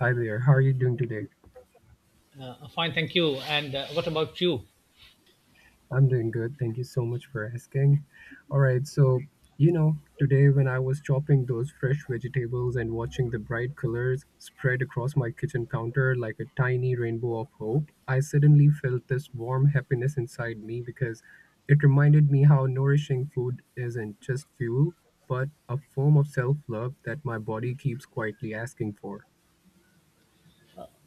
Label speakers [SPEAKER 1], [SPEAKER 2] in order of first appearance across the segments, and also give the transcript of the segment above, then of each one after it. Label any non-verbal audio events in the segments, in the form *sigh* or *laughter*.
[SPEAKER 1] Hi there. How are you doing today?
[SPEAKER 2] Fine, thank you. And what about you?
[SPEAKER 1] I'm doing good. Thank you so much for asking. All right. So, you know, today when I was chopping those fresh vegetables and watching the bright colors spread across my kitchen counter like a tiny rainbow of hope, I suddenly felt this warm happiness inside me because it reminded me how nourishing food isn't just fuel, but a form of self love that my body keeps quietly asking for.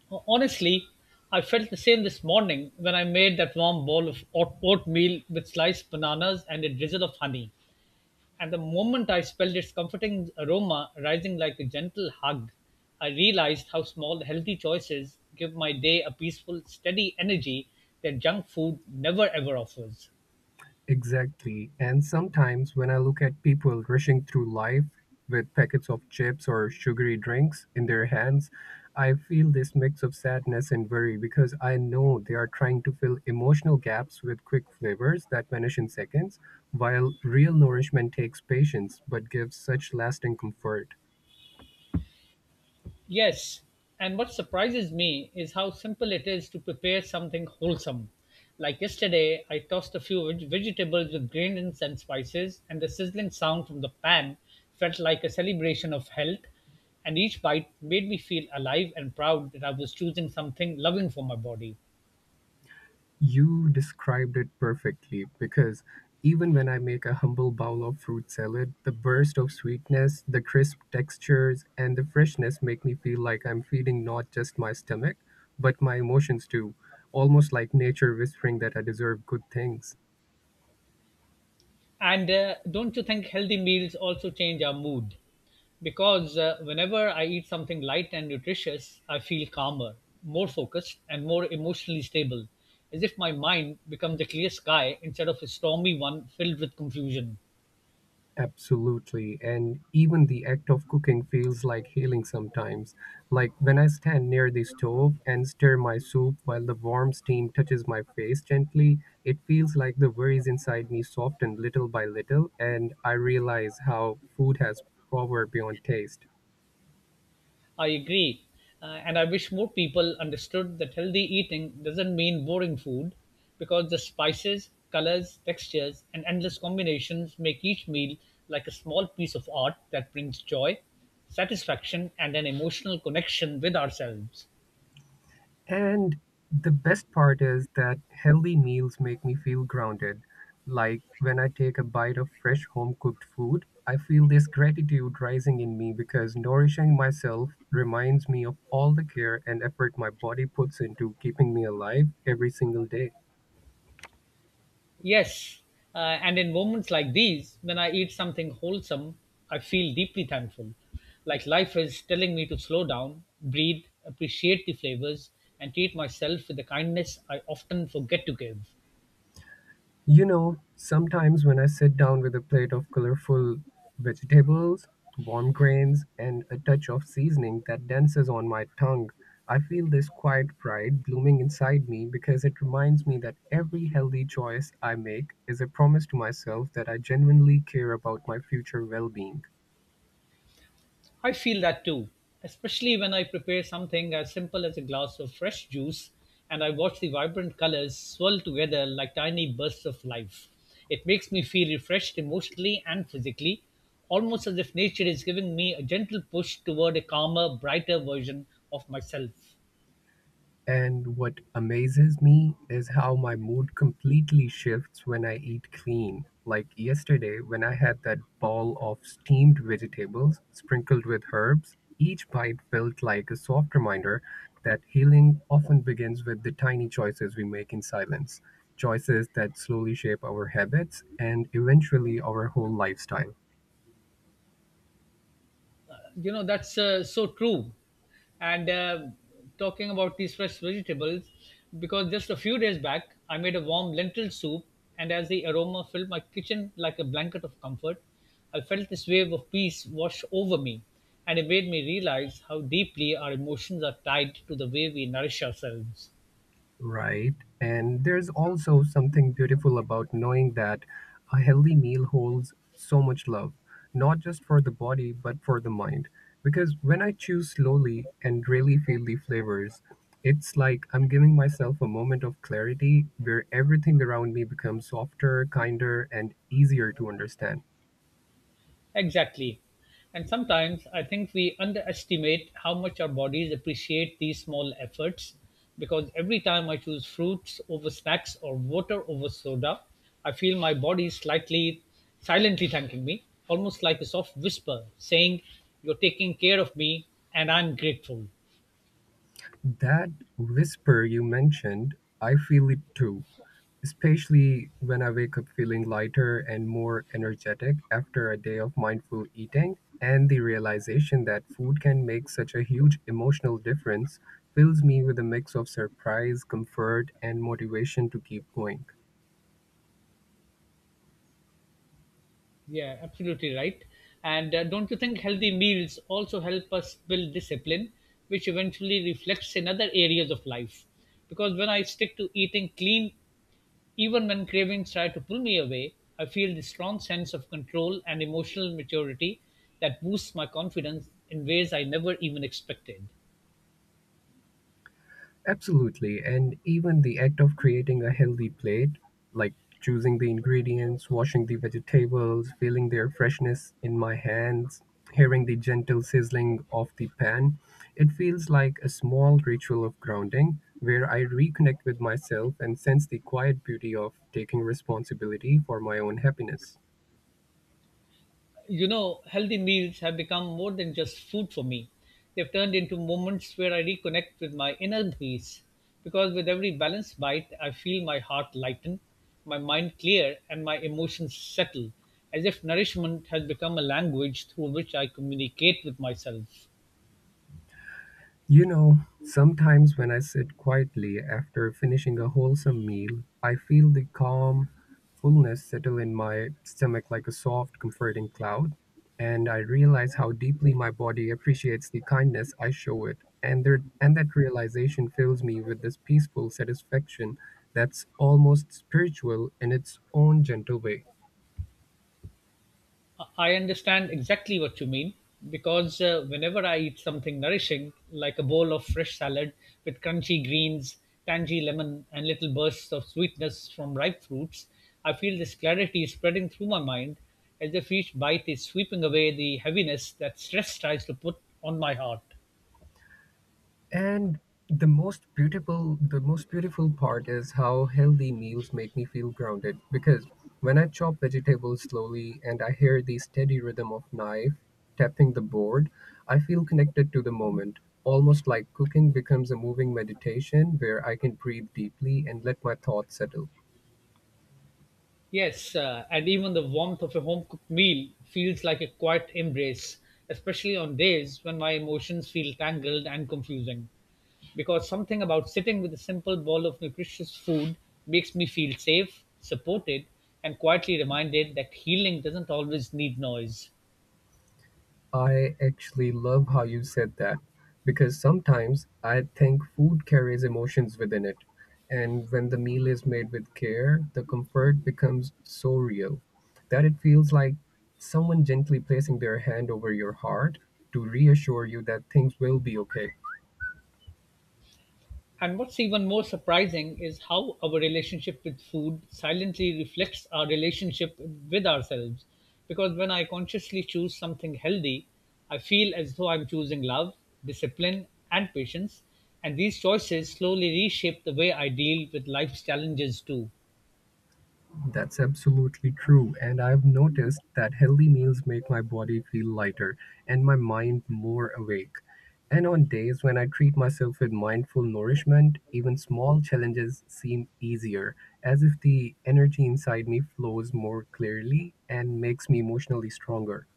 [SPEAKER 2] Honestly, I felt the same this morning when I made that warm bowl of oatmeal with sliced bananas and a drizzle of honey. And the moment I smelled its comforting aroma rising like a gentle hug, I realized how small healthy choices give my day a peaceful, steady energy that junk food never ever offers.
[SPEAKER 1] Exactly. And sometimes when I look at people rushing through life with packets of chips or sugary drinks in their hands, I feel this mix of sadness and worry because I know they are trying to fill emotional gaps with quick flavors that vanish in seconds, while real nourishment takes patience but gives such lasting comfort.
[SPEAKER 2] Yes, and what surprises me is how simple it is to prepare something wholesome. Like yesterday, I tossed a few vegetables with grains and spices, and the sizzling sound from the pan felt like a celebration of health. And each bite made me feel alive and proud that I was choosing something loving for my body.
[SPEAKER 1] You described it perfectly, because even when I make a humble bowl of fruit salad, the burst of sweetness, the crisp textures, and the freshness make me feel like I'm feeding not just my stomach, but my emotions too, almost like nature whispering that I deserve good things.
[SPEAKER 2] And don't you think healthy meals also change our mood? Because whenever I eat something light and nutritious, I feel calmer, more focused, and more emotionally stable, as if my mind becomes a clear sky instead of a stormy one filled with confusion.
[SPEAKER 1] Absolutely. And even the act of cooking feels like healing sometimes. Like when I stand near the stove and stir my soup while the warm steam touches my face gently, it feels like the worries inside me soften little by little, and I realize how food has power beyond taste.
[SPEAKER 2] I agree. And I wish more people understood that healthy eating doesn't mean boring food because the spices, colors, textures, and endless combinations make each meal like a small piece of art that brings joy, satisfaction, and an emotional connection with ourselves.
[SPEAKER 1] And the best part is that healthy meals make me feel grounded. Like when I take a bite of fresh home cooked food, I feel this gratitude rising in me because nourishing myself reminds me of all the care and effort my body puts into keeping me alive every single day.
[SPEAKER 2] Yes. And in moments like these, when I eat something wholesome, I feel deeply thankful. Like life is telling me to slow down, breathe, appreciate the flavors, and treat myself with the kindness I often forget to give.
[SPEAKER 1] You know, sometimes when I sit down with a plate of colorful vegetables, warm grains, and a touch of seasoning that dances on my tongue, I feel this quiet pride blooming inside me because it reminds me that every healthy choice I make is a promise to myself that I genuinely care about my future well being.
[SPEAKER 2] I feel that too, especially when I prepare something as simple as a glass of fresh juice and I watch the vibrant colors swirl together like tiny bursts of life. It makes me feel refreshed emotionally and physically, almost as if nature is giving me a gentle push toward a calmer, brighter version of myself.
[SPEAKER 1] And what amazes me is how my mood completely shifts when I eat clean. Like yesterday, when I had that ball of steamed vegetables sprinkled with herbs, each bite felt like a soft reminder that healing often begins with the tiny choices we make in silence, choices that slowly shape our habits and eventually our whole lifestyle.
[SPEAKER 2] You know that's so true and talking about these fresh vegetables because just a few days back I made a warm lentil soup, and as the aroma filled my kitchen like a blanket of comfort, I felt this wave of peace wash over me, and it made me realize how deeply our emotions are tied to the way we nourish ourselves.
[SPEAKER 1] Right. And there's also something beautiful about knowing that a healthy meal holds so much love, not just for the body, but for the mind. Because when I chew slowly and really feel the flavors, it's like I'm giving myself a moment of clarity where everything around me becomes softer, kinder, and easier to understand.
[SPEAKER 2] Exactly. And sometimes I think we underestimate how much our bodies appreciate these small efforts because every time I choose fruits over snacks or water over soda, I feel my body slightly silently thanking me, almost like a soft whisper saying, "You're taking care of me and I'm grateful."
[SPEAKER 1] That whisper you mentioned, I feel it too, especially when I wake up feeling lighter and more energetic after a day of mindful eating. And the realization that food can make such a huge emotional difference fills me with a mix of surprise, comfort, and motivation to keep going.
[SPEAKER 2] Yeah, absolutely right. And don't you think healthy meals also help us build discipline, which eventually reflects in other areas of life? Because when I stick to eating clean, even when cravings try to pull me away, I feel this strong sense of control and emotional maturity that boosts my confidence in ways I never even expected.
[SPEAKER 1] Absolutely. And even the act of creating a healthy plate, like choosing the ingredients, washing the vegetables, feeling their freshness in my hands, hearing the gentle sizzling of the pan, it feels like a small ritual of grounding where I reconnect with myself and sense the quiet beauty of taking responsibility for my own happiness.
[SPEAKER 2] You know, healthy meals have become more than just food for me. They've turned into moments where I reconnect with my inner peace. Because with every balanced bite, I feel my heart lighten, my mind clear, and my emotions settle, as if nourishment has become a language through which I communicate with myself.
[SPEAKER 1] You know, sometimes when I sit quietly after finishing a wholesome meal, I feel the calm fullness settle in my stomach like a soft, comforting cloud, and I realize how deeply my body appreciates the kindness I show it. And that realization fills me with this peaceful satisfaction that's almost spiritual in its own gentle way.
[SPEAKER 2] I understand exactly what you mean because whenever I eat something nourishing, like a bowl of fresh salad with crunchy greens, tangy lemon, and little bursts of sweetness from ripe fruits, I feel this clarity spreading through my mind as if each bite is sweeping away the heaviness that stress tries to put on my heart.
[SPEAKER 1] And the most beautiful part is how healthy meals make me feel grounded, because when I chop vegetables slowly and I hear the steady rhythm of knife tapping the board, I feel connected to the moment, almost like cooking becomes a moving meditation where I can breathe deeply and let my thoughts settle.
[SPEAKER 2] Yes, and even the warmth of a home cooked meal feels like a quiet embrace, especially on days when my emotions feel tangled and confusing. Because something about sitting with a simple bowl of nutritious food makes me feel safe, supported, and quietly reminded that healing doesn't always need noise.
[SPEAKER 1] I actually love how you said that, because sometimes I think food carries emotions within it. And when the meal is made with care, the comfort becomes so real that it feels like someone gently placing their hand over your heart to reassure you that things will be okay.
[SPEAKER 2] And what's even more surprising is how our relationship with food silently reflects our relationship with ourselves. Because when I consciously choose something healthy, I feel as though I'm choosing love, discipline, and patience. And these choices slowly reshape the way I deal with life's challenges too.
[SPEAKER 1] That's absolutely true. And I've noticed that healthy meals make my body feel lighter and my mind more awake. And on days when I treat myself with mindful nourishment, even small challenges seem easier, as if the energy inside me flows more clearly and makes me emotionally stronger.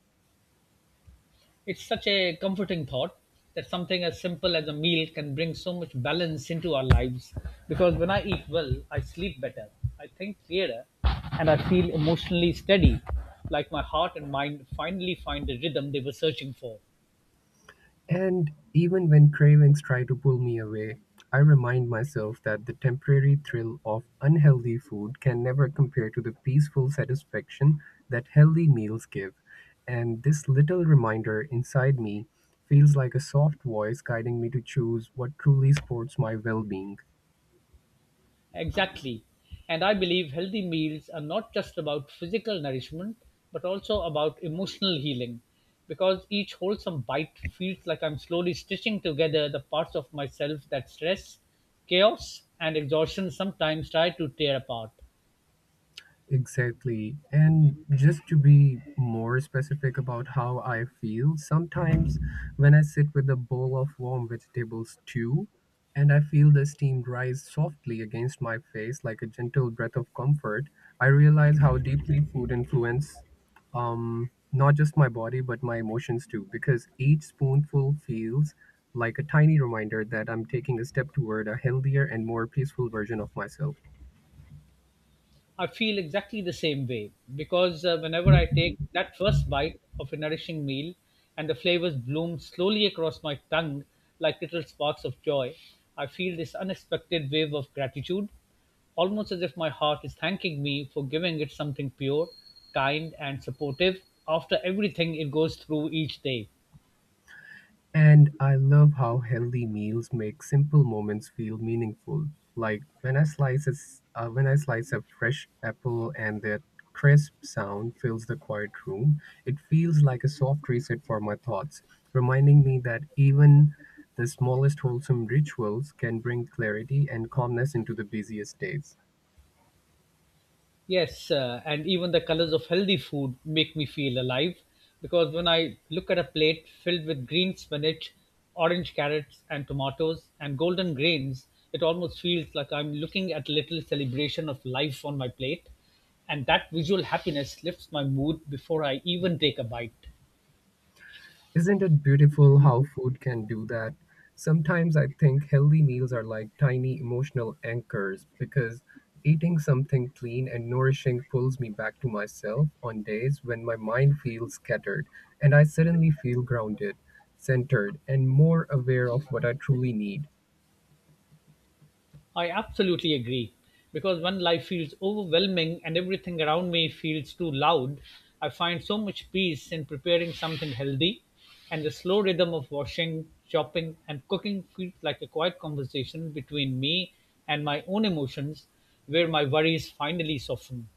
[SPEAKER 2] It's such a comforting thought that something as simple as a meal can bring so much balance into our lives because when I eat well, I sleep better, I think clearer, and I feel emotionally steady, like my heart and mind finally find the rhythm they were searching for.
[SPEAKER 1] And even when cravings try to pull me away, I remind myself that the temporary thrill of unhealthy food can never compare to the peaceful satisfaction that healthy meals give. And this little reminder inside me feels like a soft voice guiding me to choose what truly supports my well being.
[SPEAKER 2] Exactly. And I believe healthy meals are not just about physical nourishment, but also about emotional healing. Because each wholesome bite feels like I'm slowly stitching together the parts of myself that stress, chaos, and exhaustion sometimes try to tear apart.
[SPEAKER 1] Exactly. And just to be more specific about how I feel, sometimes when I sit with a bowl of warm vegetable stew and I feel the steam rise softly against my face like a gentle breath of comfort, I realize how deeply food influence not just my body but my emotions too, because each spoonful feels like a tiny reminder that I'm taking a step toward a healthier and more peaceful version of myself.
[SPEAKER 2] I feel exactly the same way because whenever I take that first bite of a nourishing meal and the flavors bloom slowly across my tongue like little sparks of joy, I feel this unexpected wave of gratitude, almost as if my heart is thanking me for giving it something pure, kind, and supportive after everything it goes through each day.
[SPEAKER 1] And I love how healthy meals make simple moments feel meaningful. Like when I when I slice a fresh apple and that crisp sound fills the quiet room, it feels like a soft reset for my thoughts, reminding me that even the smallest wholesome rituals can bring clarity and calmness into the busiest days.
[SPEAKER 2] Yes, and even the colors of healthy food make me feel alive because when I look at a plate filled with green spinach, orange carrots, and tomatoes, and golden grains, it almost feels like I'm looking at a little celebration of life on my plate. And that visual happiness lifts my mood before I even take a bite.
[SPEAKER 1] Isn't it beautiful how food can do that? Sometimes I think healthy meals are like tiny emotional anchors, because eating something clean and nourishing pulls me back to myself on days when my mind feels scattered, and I suddenly feel grounded, centered, and more aware of what I truly need.
[SPEAKER 2] I absolutely agree. Because when life feels overwhelming and everything around me feels too loud, I find so much peace in preparing something healthy. And the slow rhythm of washing, chopping, and cooking feels like a quiet conversation between me and my own emotions where my worries finally soften.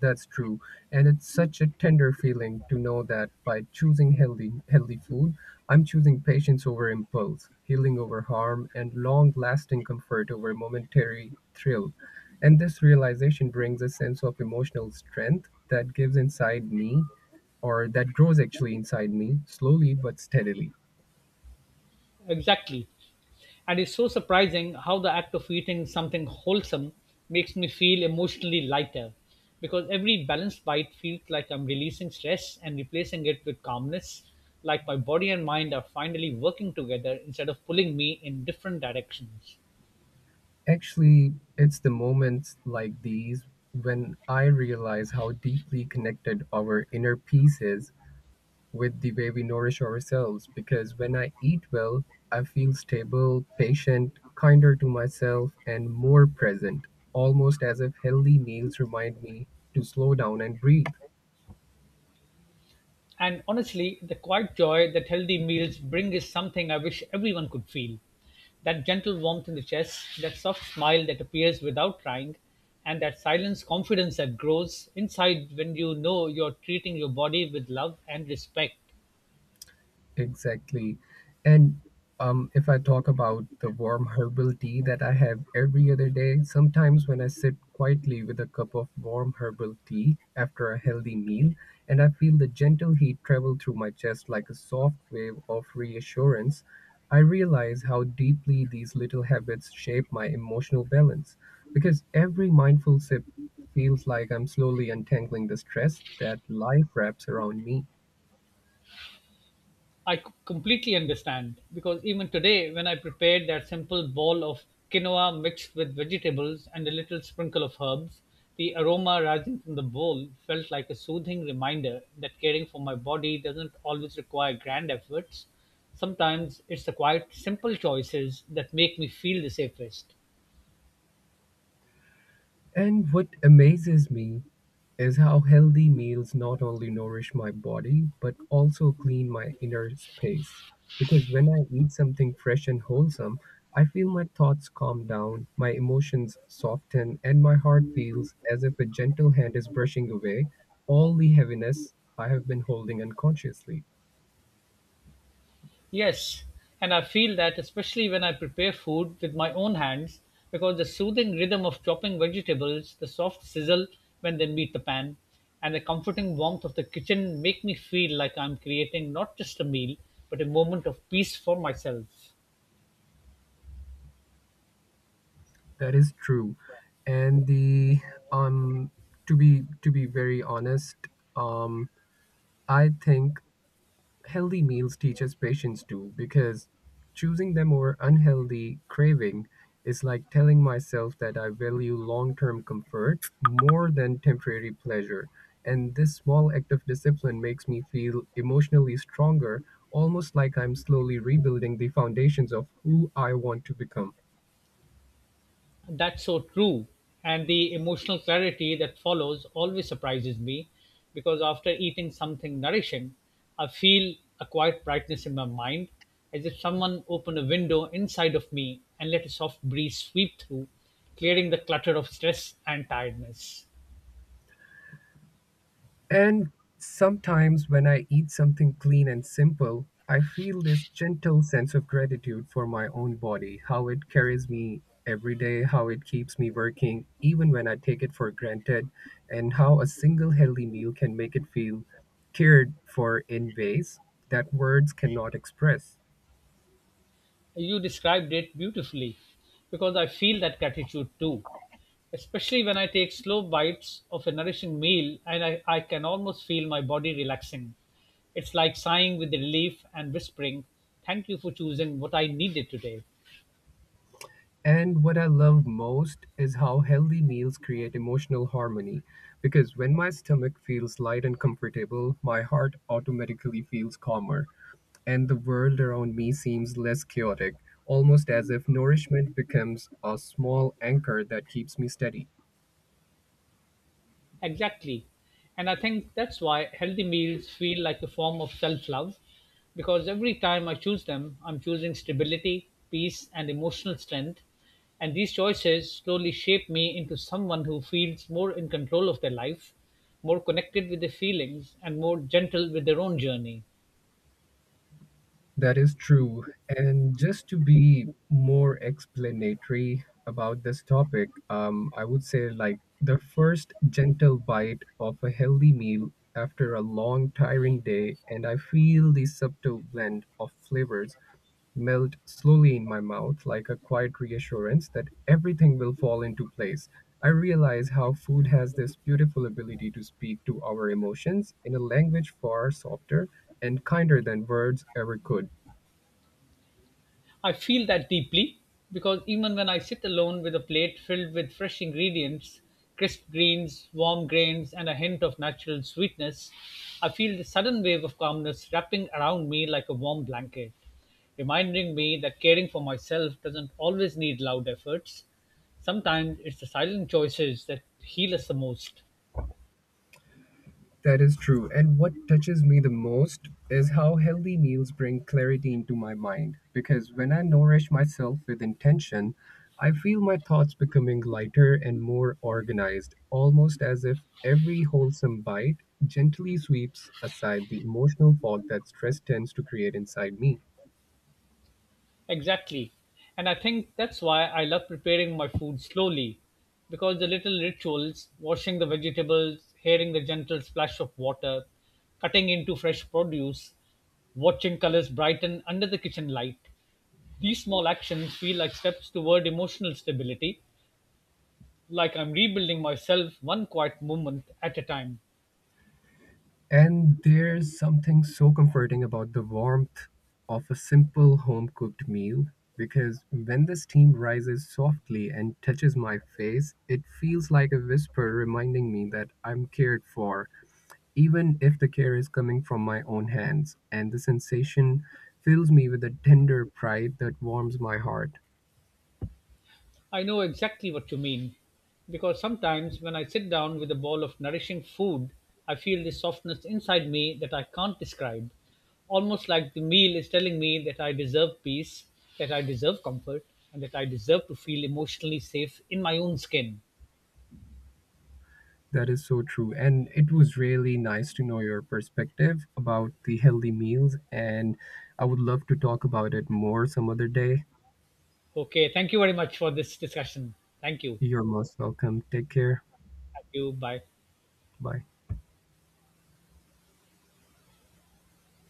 [SPEAKER 1] That's true. And it's such a tender feeling to know that by choosing healthy food, I'm choosing patience over impulse, healing over harm, and long-lasting comfort over momentary thrill. And this realization brings a sense of emotional strength that gives inside me or that grows actually inside me slowly but steadily.
[SPEAKER 2] Exactly. And it's so surprising how the act of eating something wholesome makes me feel emotionally lighter because every balanced bite feels like I'm releasing stress and replacing it with calmness, like my body and mind are finally working together instead of pulling me in different directions.
[SPEAKER 1] Actually, it's the moments like these when I realize how deeply connected our inner peace is with the way we nourish ourselves, because when I eat well, I feel stable, patient, kinder to myself, and more present, almost as if healthy meals remind me to slow down and breathe.
[SPEAKER 2] And honestly, the quiet joy that healthy meals bring is something I wish everyone could feel. That gentle warmth in the chest, that soft smile that appears without trying, and that silence confidence that grows inside when you know you're treating your body with love and respect.
[SPEAKER 1] Exactly. And if I talk about the warm *laughs* herbal tea that I have every other day, sometimes when I sit quietly with a cup of warm herbal tea after a healthy meal, and I feel the gentle heat travel through my chest like a soft wave of reassurance, I realize how deeply these little habits shape my emotional balance. Because every mindful sip feels like I'm slowly untangling the stress that life wraps around me.
[SPEAKER 2] Completely understand because even today, when I prepared that simple bowl of quinoa mixed with vegetables and a little sprinkle of herbs, the aroma rising from the bowl felt like a soothing reminder that caring for my body doesn't always require grand efforts. Sometimes it's the quiet, simple choices that make me feel the safest.
[SPEAKER 1] And what amazes me is how healthy meals not only nourish my body but also clean my inner space. Because when I eat something fresh and wholesome, I feel my thoughts calm down, my emotions soften, and my heart feels as if a gentle hand is brushing away all the heaviness I have been holding unconsciously.
[SPEAKER 2] Yes, and I feel that especially when I prepare food with my own hands, because the soothing rhythm of chopping vegetables, the soft sizzle when they meet the pan, and the comforting warmth of the kitchen make me feel like I'm creating not just a meal, but a moment of peace for myself.
[SPEAKER 1] That is true. And the um to be very honest, um I think healthy meals teaches patience too, because choosing them over unhealthy craving is like telling myself that I value long term comfort more than temporary pleasure. And this small act of discipline makes me feel emotionally stronger, almost like I'm slowly rebuilding the foundations of who I want to become.
[SPEAKER 2] That's so true. And the emotional clarity that follows always surprises me because after eating something nourishing, I feel a quiet brightness in my mind as if someone opened a window inside of me and let a soft breeze sweep through, clearing the clutter of stress and tiredness.
[SPEAKER 1] And sometimes when I eat something clean and simple, I feel this gentle sense of gratitude for my own body, how it carries me every day, how it keeps me working, even when I take it for granted, and how a single healthy meal can make it feel cared for in ways that words cannot express.
[SPEAKER 2] You described it beautifully because I feel that gratitude too. Especially when I take slow bites of a nourishing meal and I can almost feel my body relaxing. It's like sighing with relief and whispering, "Thank you for choosing what I needed today."
[SPEAKER 1] And what I love most is how healthy meals create emotional harmony, because when my stomach feels light and comfortable, my heart automatically feels calmer and the world around me seems less chaotic, almost as if nourishment becomes a small anchor that keeps me steady.
[SPEAKER 2] Exactly. And I think that's why healthy meals feel like a form of self love because every time I choose them, I'm choosing stability, peace, and emotional strength. And these choices slowly shape me into someone who feels more in control of their life, more connected with their feelings, and more gentle with their own journey.
[SPEAKER 1] That is true. And just to be more explanatory about this topic, I would say, like the first gentle bite of a healthy meal after a long, tiring day, and I feel the subtle blend of flavors melt slowly in my mouth like a quiet reassurance that everything will fall into place. I realize how food has this beautiful ability to speak to our emotions in a language far softer and kinder than words ever could.
[SPEAKER 2] I feel that deeply because even when I sit alone with a plate filled with fresh ingredients, crisp greens, warm grains, and a hint of natural sweetness, I feel the sudden wave of calmness wrapping around me like a warm blanket, reminding me that caring for myself doesn't always need loud efforts. Sometimes it's the silent choices that heal us the most.
[SPEAKER 1] That is true. And what touches me the most is how healthy meals bring clarity into my mind. Because when I nourish myself with intention, I feel my thoughts becoming lighter and more organized, almost as if every wholesome bite gently sweeps aside the emotional fog that stress tends to create inside me.
[SPEAKER 2] Exactly. And I think that's why I love preparing my food slowly because the little rituals, washing the vegetables, hearing the gentle splash of water, cutting into fresh produce, watching colors brighten under the kitchen light, these small actions feel like steps toward emotional stability, like I'm rebuilding myself one quiet moment at a time.
[SPEAKER 1] And there's something so comforting about the warmth of a simple home cooked meal, because when the steam rises softly and touches my face, it feels like a whisper reminding me that I'm cared for, even if the care is coming from my own hands. And the sensation fills me with a tender pride that warms my heart.
[SPEAKER 2] I know exactly what you mean, because sometimes when I sit down with a bowl of nourishing food, I feel this softness inside me that I can't describe. Almost like the meal is telling me that I deserve peace, that I deserve comfort, and that I deserve to feel emotionally safe in my own skin.
[SPEAKER 1] That is so true. And it was really nice to know your perspective about the healthy meals. And I would love to talk about it more some other day.
[SPEAKER 2] Okay, thank you very much for this discussion. Thank you.
[SPEAKER 1] You're most welcome. Take care.
[SPEAKER 2] Thank you. Bye.
[SPEAKER 1] Bye.